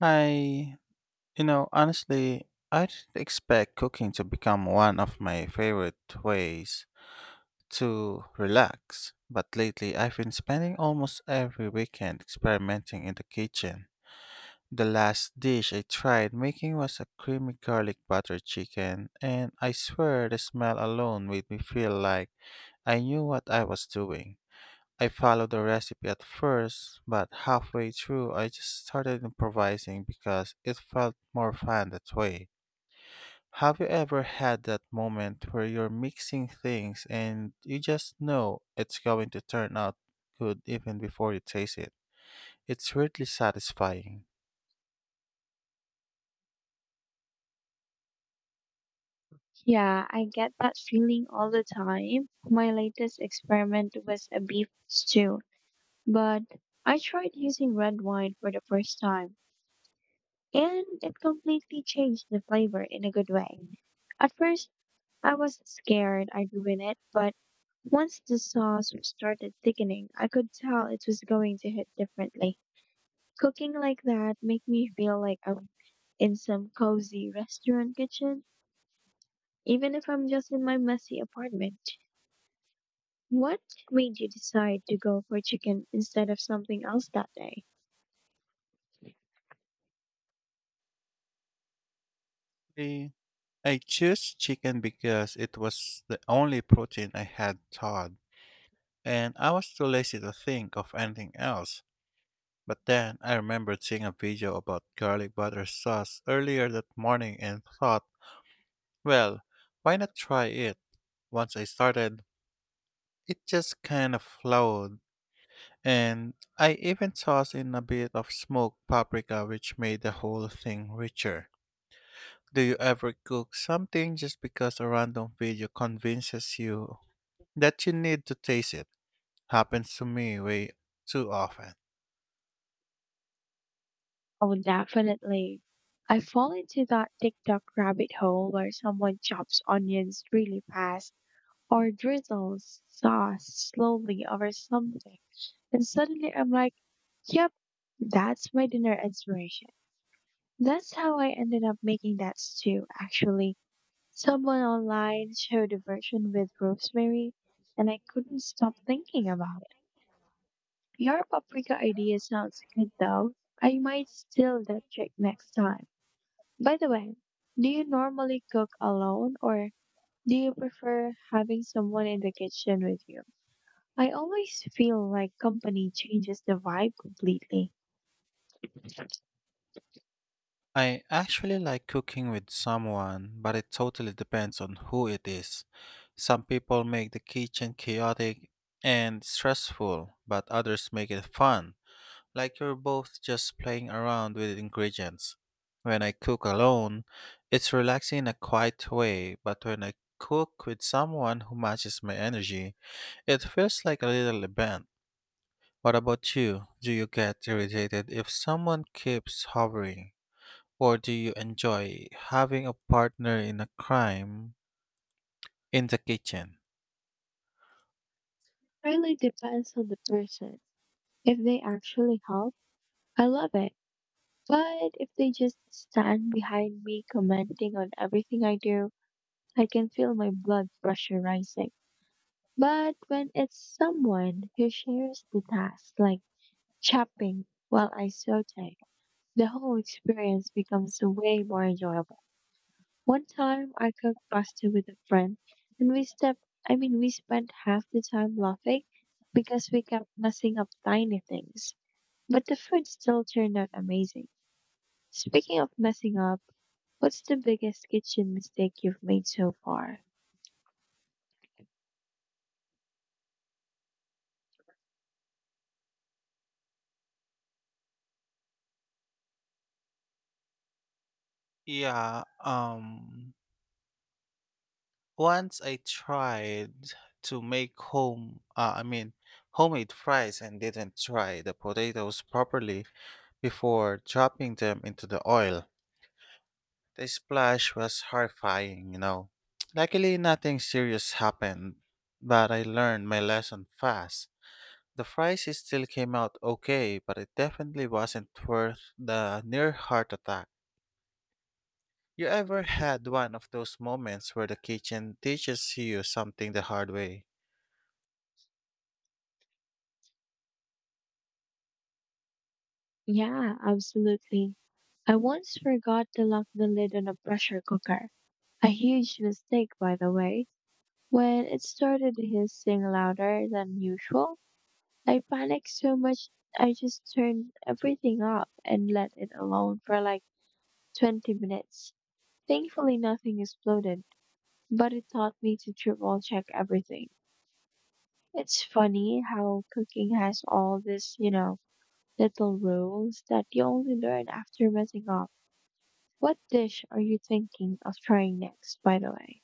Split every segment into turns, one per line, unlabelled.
I, Honestly, I didn't expect cooking to become one of my favorite ways to relax, but lately I've been spending almost every weekend experimenting in the kitchen. The last dish I tried making was a creamy garlic butter chicken, and I swear the smell alone made me feel like I knew what I was doing. I followed the recipe at first, but halfway through I just started improvising because it felt more fun that way. Have you ever had that moment where you're mixing things and you just know it's going to turn out good even before you taste it? It's really satisfying.
Yeah, I get that feeling all the time. My latest experiment was a beef stew, but I tried using red wine for the first time, and it completely changed the flavor in a good way. At first, I was scared I'd ruin it, but once the sauce started thickening, I could tell it was going to hit differently. Cooking like that make me feel like I'm in some cozy restaurant kitchen, even if I'm just in my messy apartment. What made you decide to go for chicken instead of something else that day?
I I chose chicken because it was the only protein I had thawed, and I was too lazy to think of anything else. But then I remembered seeing a video about garlic butter sauce earlier that morning and thought, well, why not try it? Once I started, it just kind of flowed. And I even tossed in a bit of smoked paprika, which made the whole thing richer. Do you ever cook something just because a random video convinces you that you need to taste it? Happens to me way too often.
Oh, definitely. I fall into that TikTok rabbit hole where someone chops onions really fast or drizzles sauce slowly over something. And suddenly I'm like, "Yep, that's my dinner inspiration." That's how I ended up making that stew, actually. Someone online showed a version with rosemary, and I couldn't stop thinking about it. Your paprika idea sounds good, though. I might steal that trick next time. By the way, do you normally cook alone, or do you prefer having someone in the kitchen with you? I always feel like company changes the vibe completely.
I actually like cooking with someone, but it totally depends on who it is. Some people make the kitchen chaotic and stressful, but others make it fun, like you're both just playing around with ingredients. When I cook alone, it's relaxing in a quiet way, but when I cook with someone who matches my energy, it feels like a little event. What about you? Do you get irritated if someone keeps hovering? Or do you enjoy having a partner in a crime in the kitchen?
Really depends on the person. If they actually help, I love it. But if they just stand behind me commenting on everything I do, I can feel my blood pressure rising. But when it's someone who shares the task, like chopping while I saute, the whole experience becomes way more enjoyable. One time I cooked pasta with a friend and I mean, we spent half the time laughing because we kept messing up tiny things, but the food still turned out amazing. Speaking of messing up, what's the biggest kitchen mistake you've made so far?
Yeah, um once I tried to make homemade fries and didn't try the potatoes properly before dropping them into the oil. The splash was horrifying, you know. Luckily nothing serious happened, but I learned my lesson fast. The still came out okay, but it definitely wasn't worth the near heart attack. You ever had one of those moments where the kitchen teaches you something the hard way?
Yeah, absolutely. I once forgot to lock the lid on a pressure cooker. A huge mistake, by the way. When it started hissing louder than usual, I panicked so much I just turned everything up and let it alone for like 20 minutes. Thankfully, nothing exploded, but it taught me to triple check everything. It's funny how cooking has all these, little rules that you only learn after messing up. What dish are you thinking of trying next, by the way?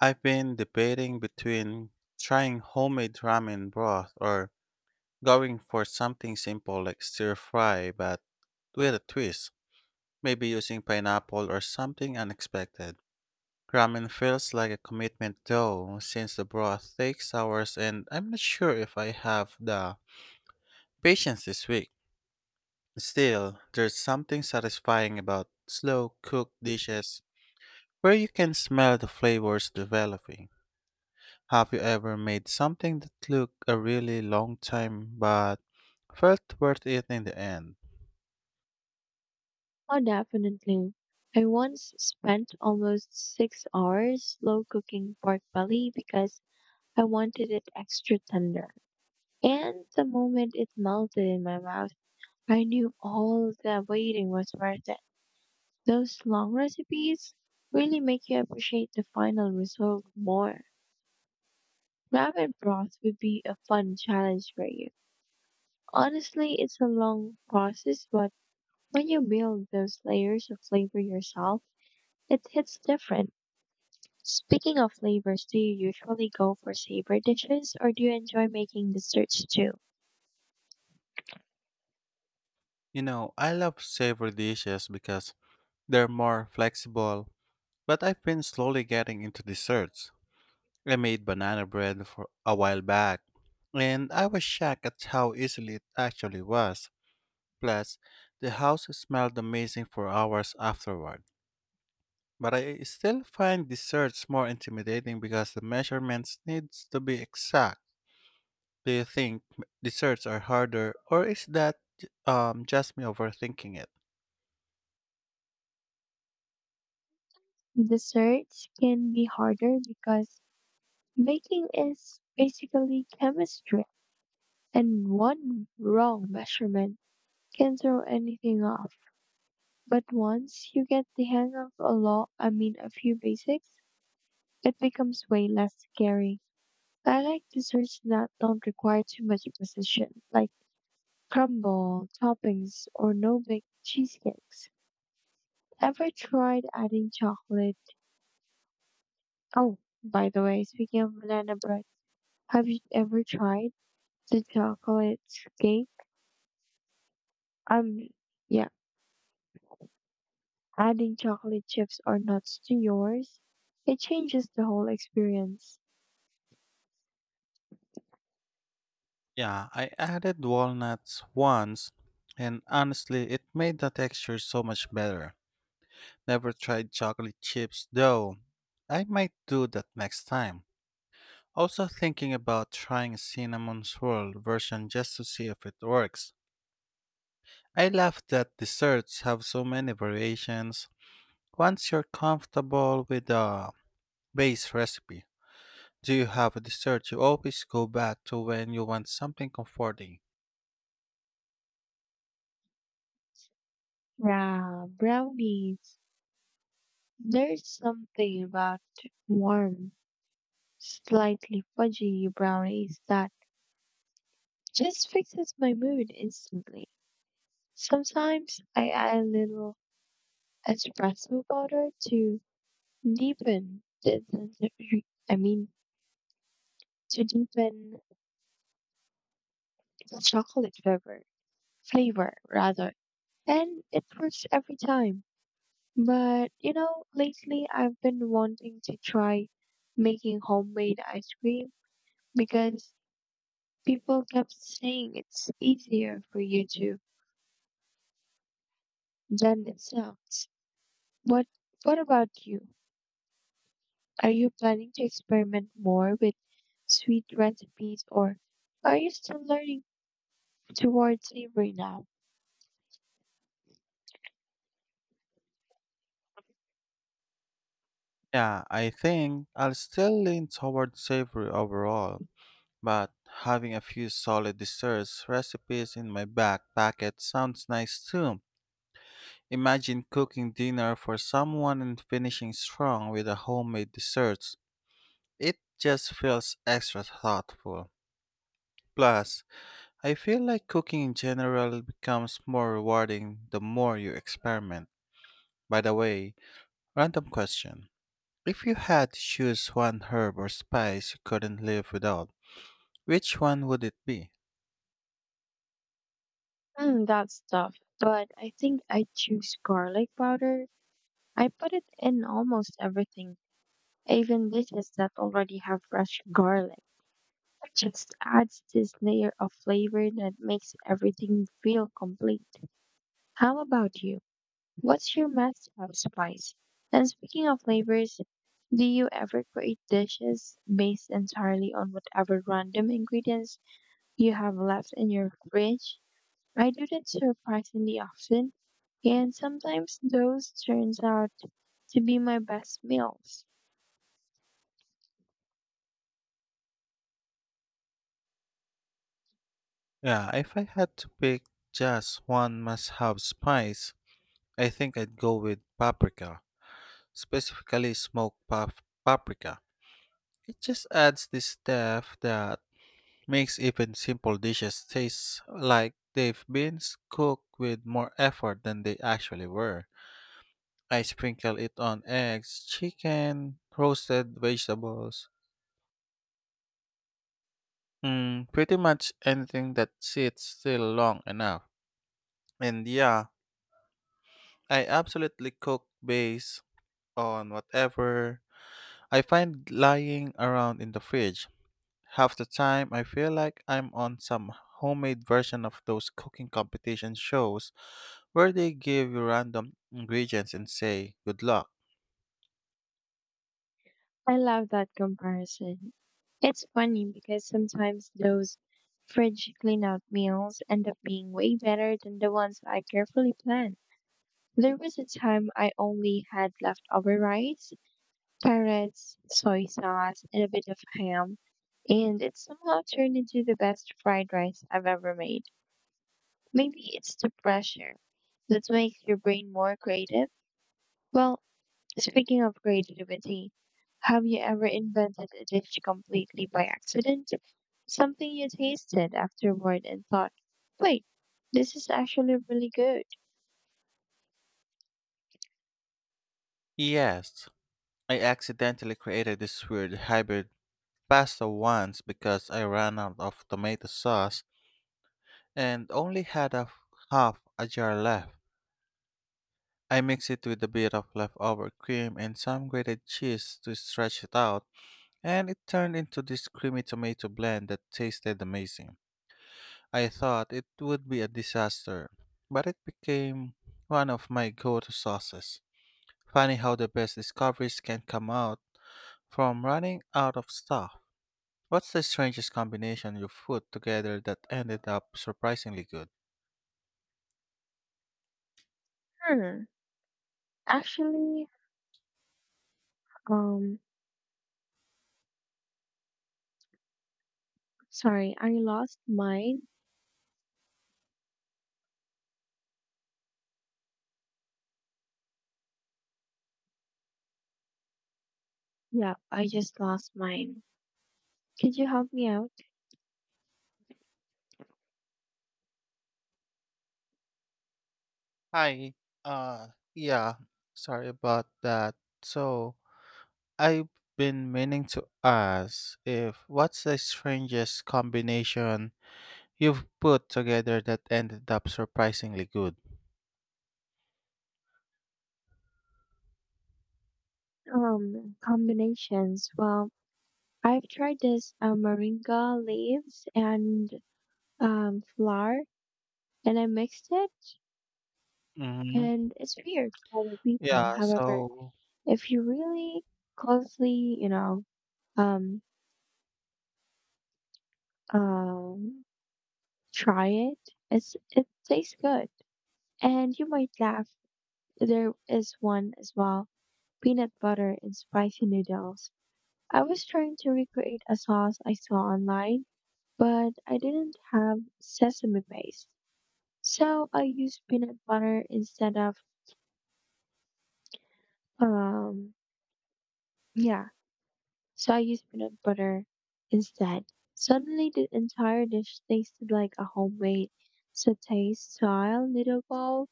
I've been debating between trying homemade ramen broth or going for something simple like stir fry but with a twist, maybe using pineapple or something unexpected. Ramen feels like a commitment though, since the broth takes hours and I'm not sure if I have the patience is weak. Still, there's something satisfying about slow cooked dishes where you can smell the flavors developing. Have you ever made something that took a really long time but felt worth it in the end?
Oh, definitely. I once spent almost 6 hours slow cooking pork belly because I wanted it extra tender. And the moment it melted in my mouth, I knew all the waiting was worth it. Those long recipes really make you appreciate the final result more. Ramen broth would be a fun challenge for you. Honestly, it's a long process, but when you build those layers of flavor yourself, it hits different. Speaking of flavors, do you usually go for savory dishes or do you enjoy making desserts too?
You know, I love savory dishes because they're more flexible, but I've been slowly getting into desserts. I made banana bread for a while back, and I was shocked at how easily it actually was. Plus, the house smelled amazing for hours afterward. But I still find desserts more intimidating because the measurements needs to be exact. Do you think desserts are harder, or is that just me overthinking it?
Desserts can be harder because baking is basically chemistry, and one wrong measurement can throw anything off. But once you get the hang of I mean a few basics, it becomes way less scary. I like desserts that don't require too much precision, like crumble, toppings, or no-bake cheesecakes. Ever tried adding chocolate? Oh, by the way, speaking of banana bread, have you ever tried the chocolate cake? Um, yeah, adding chocolate chips or nuts to yours. It changes the whole experience.
Yeah, I added walnuts once, and honestly, it made the texture so much better. Never tried chocolate chips though. I might do that next time. Also thinking about trying a cinnamon swirl version just to see if it works. I love that desserts have so many variations. Once you're comfortable with the base recipe, do you have a dessert you always go back to when you want something comforting?
Yeah, brownies. There's something about warm, slightly fudgy brownies that just fixes my mood instantly. Sometimes I add a little espresso powder to Deepen the- I mean, to deepen the chocolate flavor, and it works every time. But you know, lately I've been wanting to try making homemade ice cream because people kept saying it's easier for you to than it sounds. What What about you? Are you planning to experiment more with sweet recipes, or are you still learning towards savory now?
Yeah, I think I'll still lean toward savory overall, but having a few solid desserts recipes in my back pocket sounds nice too. Imagine cooking dinner for someone and finishing strong with a homemade dessert. It just feels extra thoughtful. Plus, I feel like cooking in general becomes more rewarding the more you experiment. By the way, random question. If you had to choose one herb or spice you couldn't live without, which one would it be?
That's tough, but I think I choose garlic powder. I put it in almost everything, even dishes that already have fresh garlic. It just adds this layer of flavor that makes everything feel complete. How about you? What's your must have spice? And speaking of flavors, do you ever create dishes based entirely on whatever random ingredients you have left in your fridge? I do that surprisingly often, and sometimes those turns out to be my best meals.
Yeah, if I had to pick just one must have spice, I think I'd go with paprika. Specifically smoked paprika. It just adds this depth that makes even simple dishes taste like they've cooked with more effort than they actually were. I sprinkle it on eggs, chicken, roasted vegetables, pretty much anything that sits still long enough. And yeah, I absolutely cook based on whatever I find lying around in the fridge. Half the time, I feel like I'm on some homemade version of those cooking competition shows where they give you random ingredients and say, good luck.
I love that comparison. It's funny because sometimes those fridge clean out meals end up being way better than the ones I carefully planned. There was a time I only had leftover rice, carrots, soy sauce, and a bit of ham, and it somehow turned into the best fried rice I've ever made. Maybe it's the pressure that makes your brain more creative. Well, speaking of creativity, have you ever invented a dish completely by accident? Something you tasted afterward and thought, "Wait, this is actually really good."
Yes, I accidentally created this weird hybrid pasta once because I ran out of tomato sauce and only half a jar left. I mixed it with a bit of leftover cream and some grated cheese to stretch it out, and it turned into this creamy tomato blend that tasted amazing. I thought it would be a disaster, but it became one of my go to sauces. Funny how the best discoveries can come out from running out of stuff. What's the strangest combination you put together that ended up surprisingly good?
Hmm. Actually, um, sorry, I lost mine. Yeah, I just lost mine. Could you help me out?
Hi. Uh, yeah. Sorry about that. So, I've been meaning to ask if what's the strangest combination you've put together that ended up surprisingly good?
Combinations. Well, I've tried this moringa leaves and flour and I mixed it,
Hmm.
and it's weird for other people.
Yeah,
However,
so
if you really closely, um, um, try it, it tastes good, and you might laugh. There is one as well: peanut butter and spicy noodles. I was trying to recreate a sauce I saw online, but I didn't have sesame paste, so I used peanut butter instead of um, yeah So I used peanut butter instead. Suddenly, the entire dish tasted like a homemade satay style noodle bowl.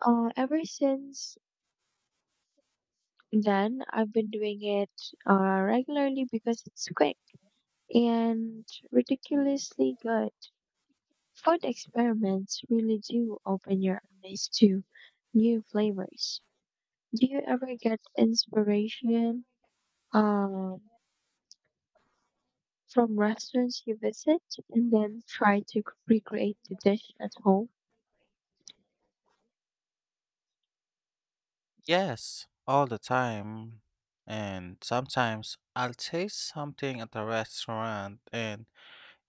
Ever since then, I've been doing it regularly because it's quick and ridiculously good. Food experiments really do open your eyes to new flavors. Do you ever get inspiration Um, from restaurants you visit and then try to recreate the dish at home?
yes, all the time. And sometimes I'll taste something at a restaurant and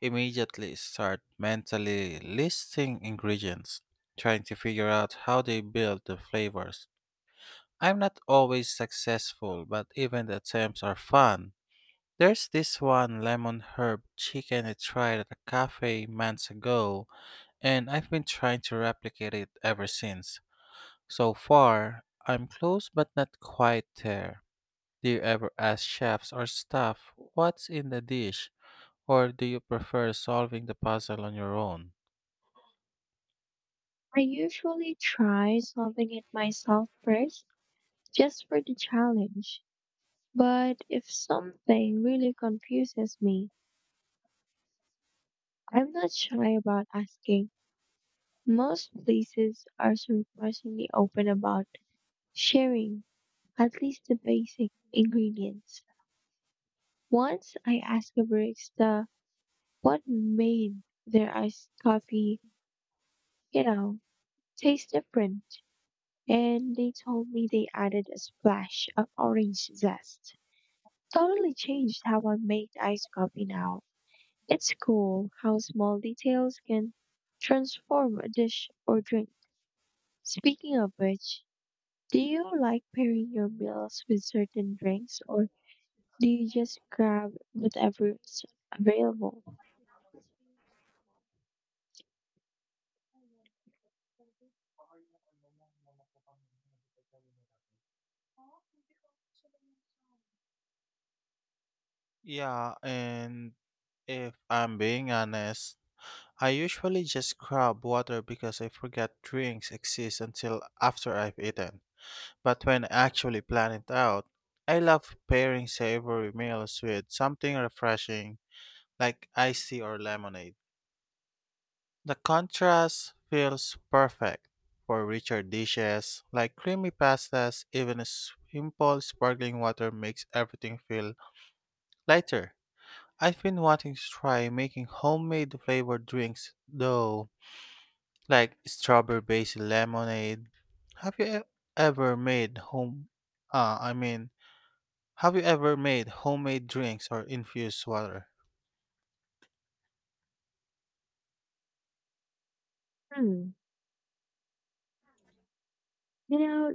immediately start mentally listing ingredients, trying to figure out how they build the flavors. I'm not always successful, but even the attempts are fun. There's this one lemon herb chicken I tried at a cafe months ago, and I've been trying to replicate it ever since. So far, I'm close but not quite there. Do you ever ask chefs or staff what's in the dish, or do you prefer solving the puzzle on your own?
I usually try solving it myself first, just for the challenge. But if something really confuses me, I'm not shy about asking. Most places are surprisingly open about sharing at least the basic ingredients. Once I asked a barista what made their iced coffee, you know, taste different, and they told me they added a splash of orange zest. Totally changed how I make iced coffee now. It's cool how small details can transform a dish or drink. Speaking of which, do you like pairing your meals with certain drinks or do you just grab whatever's available?
Yeah, and if I'm being honest, I usually just grab water because I forget drinks exist until after I've eaten. But when actually plan it out, I love pairing savory meals with something refreshing like iced tea or lemonade. The contrast feels perfect for richer dishes like creamy pastas, even a simple sparkling water makes everything feel lighter. I've been wanting to try making homemade flavored drinks though, like strawberry based lemonade. Have you e- ever made home I mean Have you ever made homemade drinks or infused water?
Hmm. You know,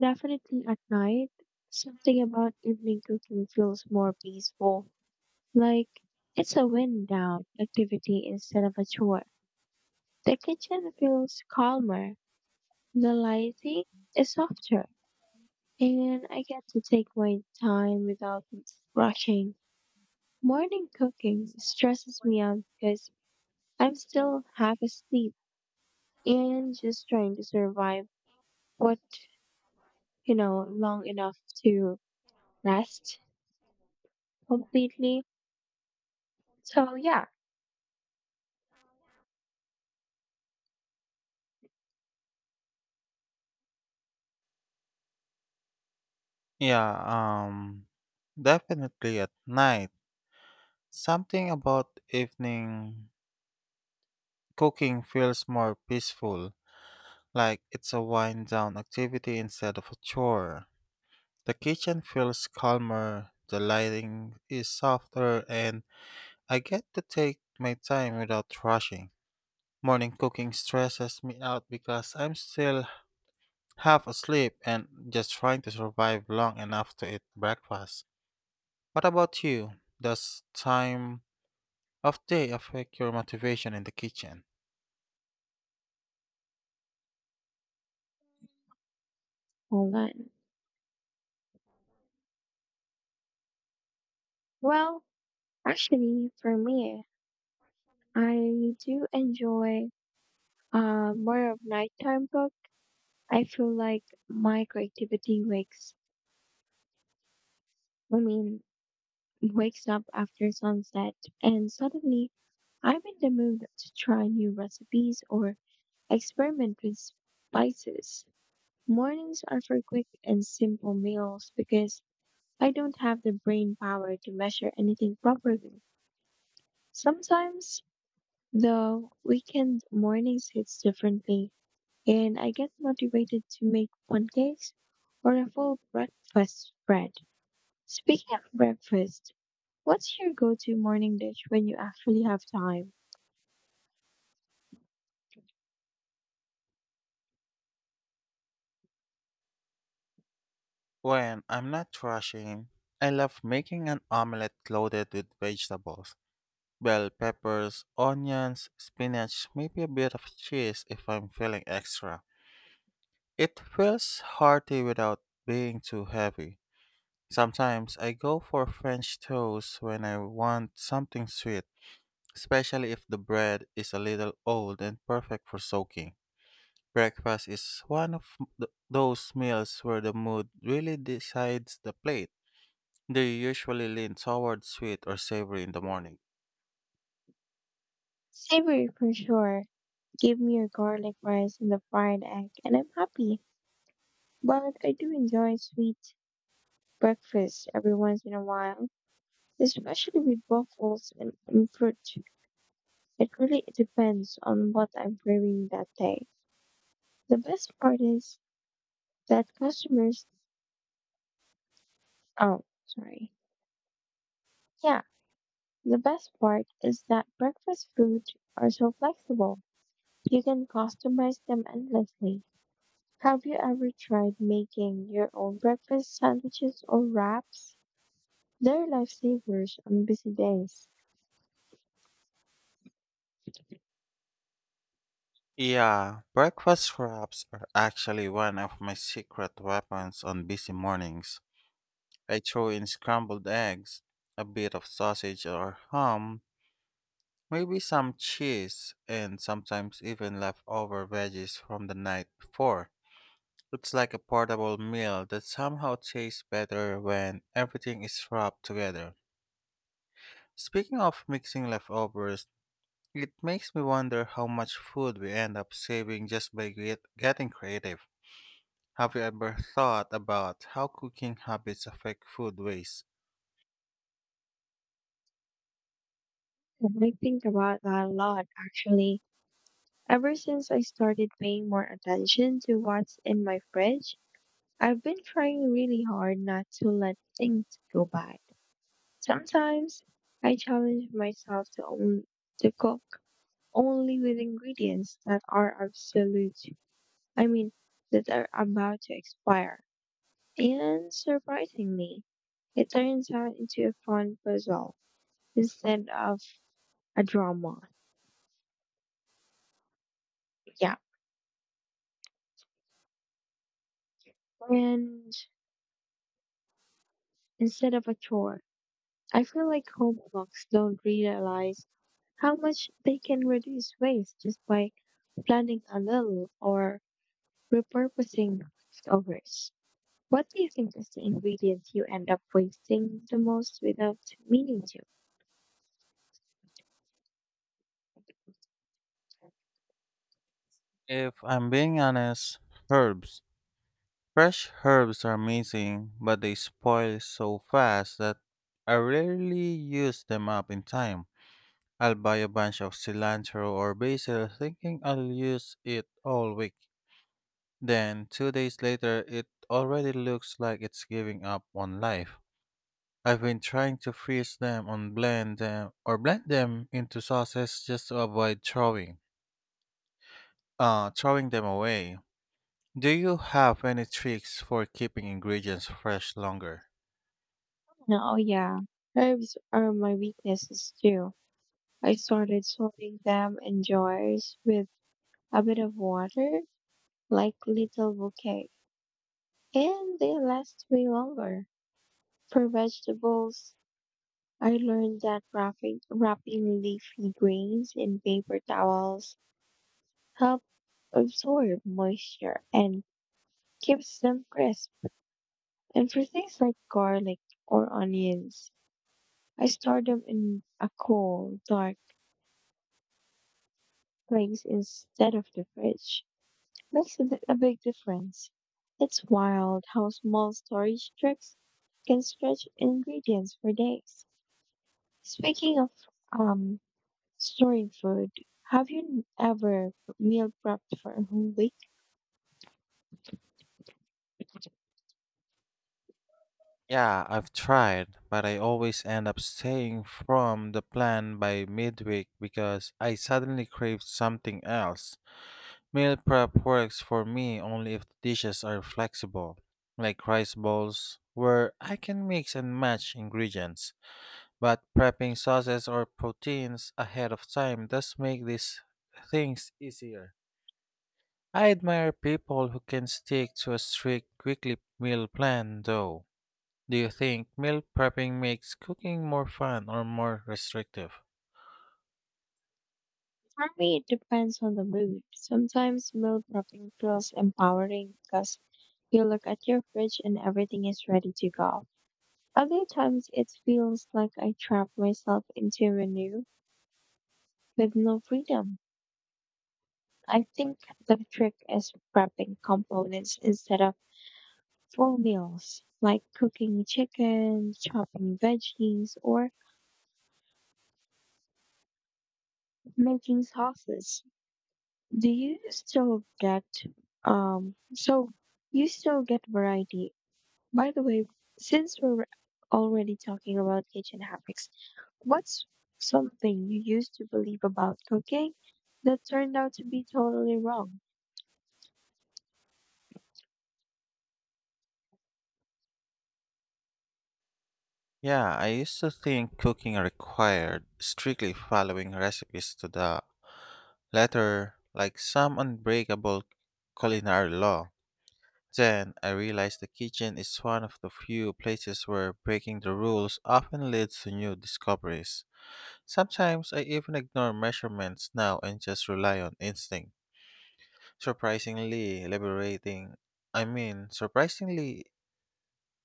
definitely at night, something about evening cooking feels more peaceful. Like it's a wind down activity instead of a chore. The kitchen feels calmer, the lighting is softer, and I get to take my time without rushing. Morning cooking stresses me out because I'm still half asleep and just trying to survive what, long enough to rest completely. So, yeah,
Yeah, um Definitely at night. Something about evening cooking feels more peaceful, like it's a wind down activity instead of a chore. The kitchen feels calmer, the lighting is softer, and I get to take my time without rushing. Morning cooking stresses me out because I'm still half asleep and just trying to survive long enough to eat breakfast. What about you? Does time of day affect your motivation in the kitchen?
hold on. Well, actually, for me, I do enjoy more of nighttime book. I feel like my creativity I mean, wakes up after sunset, and suddenly I'm in the mood to try new recipes or experiment with spices. Mornings are for quick and simple meals because I don't have the brain power to measure anything properly. Sometimes, though, weekend mornings hits differently, and I get motivated to make pancakes or a full breakfast spread. Speaking of breakfast, what's your go-to morning dish when you actually have time?
When I'm not rushing, I love making an omelette loaded with vegetables, bell peppers, onions, spinach, maybe a bit of cheese if I'm feeling extra. It feels hearty without being too heavy. Sometimes I go for French toast when I want something sweet especially if the bread is a little old and perfect for soaking. Breakfast is one of those meals where the mood really decides the plate. They usually lean toward sweet or savory in the morning.
Savory for sure. Give me your garlic rice and the fried egg, and I'm happy. But I do enjoy sweet breakfast every once in a while, especially with waffles and fruit. It really depends on what I'm craving that day. The best part is that customers, oh, sorry. Yeah, the best part is that breakfast foods are so flexible. You can customize them endlessly. Have you ever tried making your own breakfast sandwiches or wraps? They're lifesavers on busy days.
Yeah, breakfast wraps are actually one of my secret weapons on busy mornings. I throw in scrambled eggs, a bit of sausage or ham, maybe some cheese, and sometimes even leftover veggies from the night before. Looks like a portable meal that somehow tastes better when everything is wrapped together. Speaking of mixing leftovers, it makes me wonder how much food we end up saving just by getting creative. Have you ever thought about how cooking habits affect food waste?
I think about that a lot, actually. Ever since I started paying more attention to what's in my fridge, I've been trying really hard not to let things go bad. Sometimes I challenge myself to cook only with ingredients that are I mean, that are about to expire. And surprisingly, it turns out into a fun puzzle instead of a drama. Yeah. And instead of a chore. I feel like home cooks don't realize how much they can reduce waste just by planning a little or repurposing leftovers. What do you think is the ingredient you end up wasting the most without meaning to?
If I'm being honest, herbs. Fresh herbs are amazing, but they spoil so fast that I rarely use them up in time. I'll buy a bunch of cilantro or basil thinking I'll use it all week. Then, 2 days later, it already looks like it's giving up on life. I've been trying to freeze them and blend them or blend them into sauces just to avoid throwing them away. Do you have any tricks for keeping ingredients fresh longer?
Oh, yeah. Herbs are my weaknesses too. I started sorting them in jars with a bit of water, like little bouquet, and they last way longer. For vegetables, I learned that wrapping leafy greens in paper towels help absorb moisture and keeps them crisp. And for things like garlic or onions, I store them in a cool, dark place instead of the fridge. Makes a big difference. It's wild how small storage tricks can stretch ingredients for days. Speaking of um, storing food, have you ever meal prepped for a whole week?
Yeah, I've tried, but I always end up staying from the plan by midweek because I suddenly crave something else. Meal prep works for me only if the dishes are flexible, like rice bowls, where I can mix and match ingredients. But prepping sauces or proteins ahead of time does make these things easier. I admire people who can stick to a strict weekly meal plan though. Do you think meal prepping makes cooking more fun or more restrictive?
For me, it depends on the mood. Sometimes meal prepping feels empowering because you look at your fridge and everything is ready to go. Other times, it feels like I trap myself into a menu with no freedom. I think the trick is prepping components instead of full meals, like cooking chicken, chopping veggies, or making sauces. Do you still get, so you still get variety. By the way, since we're already talking about kitchen habits, what's something you used to believe about cooking that turned out to be totally wrong?
Yeah, I used to think cooking required strictly following recipes to the letter, like some unbreakable culinary law. Then I realized the kitchen is one of the few places where breaking the rules often leads to new discoveries. Sometimes I even ignore measurements now and just rely on instinct. Surprisingly liberating, I mean, surprisingly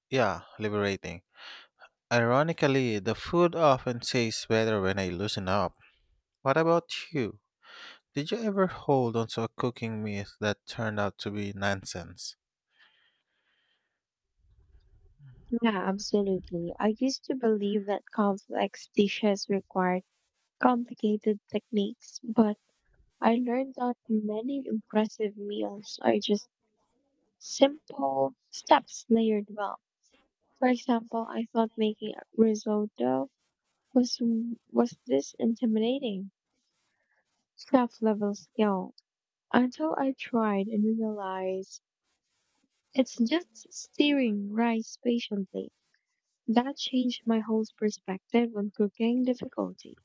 Yeah, liberating. Ironically, the food often tastes better when I loosen up. What about you? Did you ever hold onto a cooking myth that turned out to be nonsense?
Yeah, absolutely. I used to believe that complex dishes required complicated techniques, but I learned that many impressive meals are just simple steps layered well. For example, I thought making a risotto was was this intimidating chef level skill until I tried and realized it's just stirring rice patiently. That changed my whole perspective on cooking difficulty.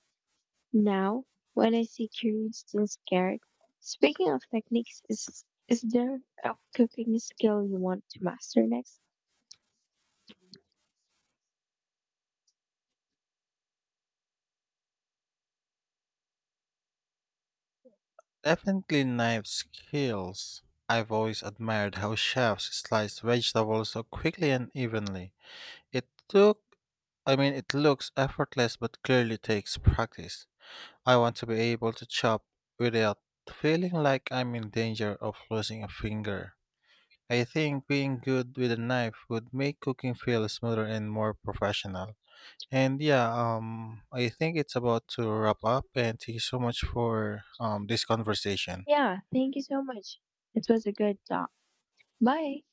Now, when I see curious and scared, speaking of techniques, is there a cooking skill you want to master next?
Definitely knife skills. I've always admired how chefs slice vegetables so quickly and evenly. It took I mean, It looks effortless but clearly takes practice. I want to be able to chop without feeling like I'm in danger of losing a finger. I think being good with a knife would make cooking feel smoother and more professional. And yeah, I think it's about to wrap up. And thank you so much for this conversation.
Yeah, thank you so much. It was a good talk. Bye.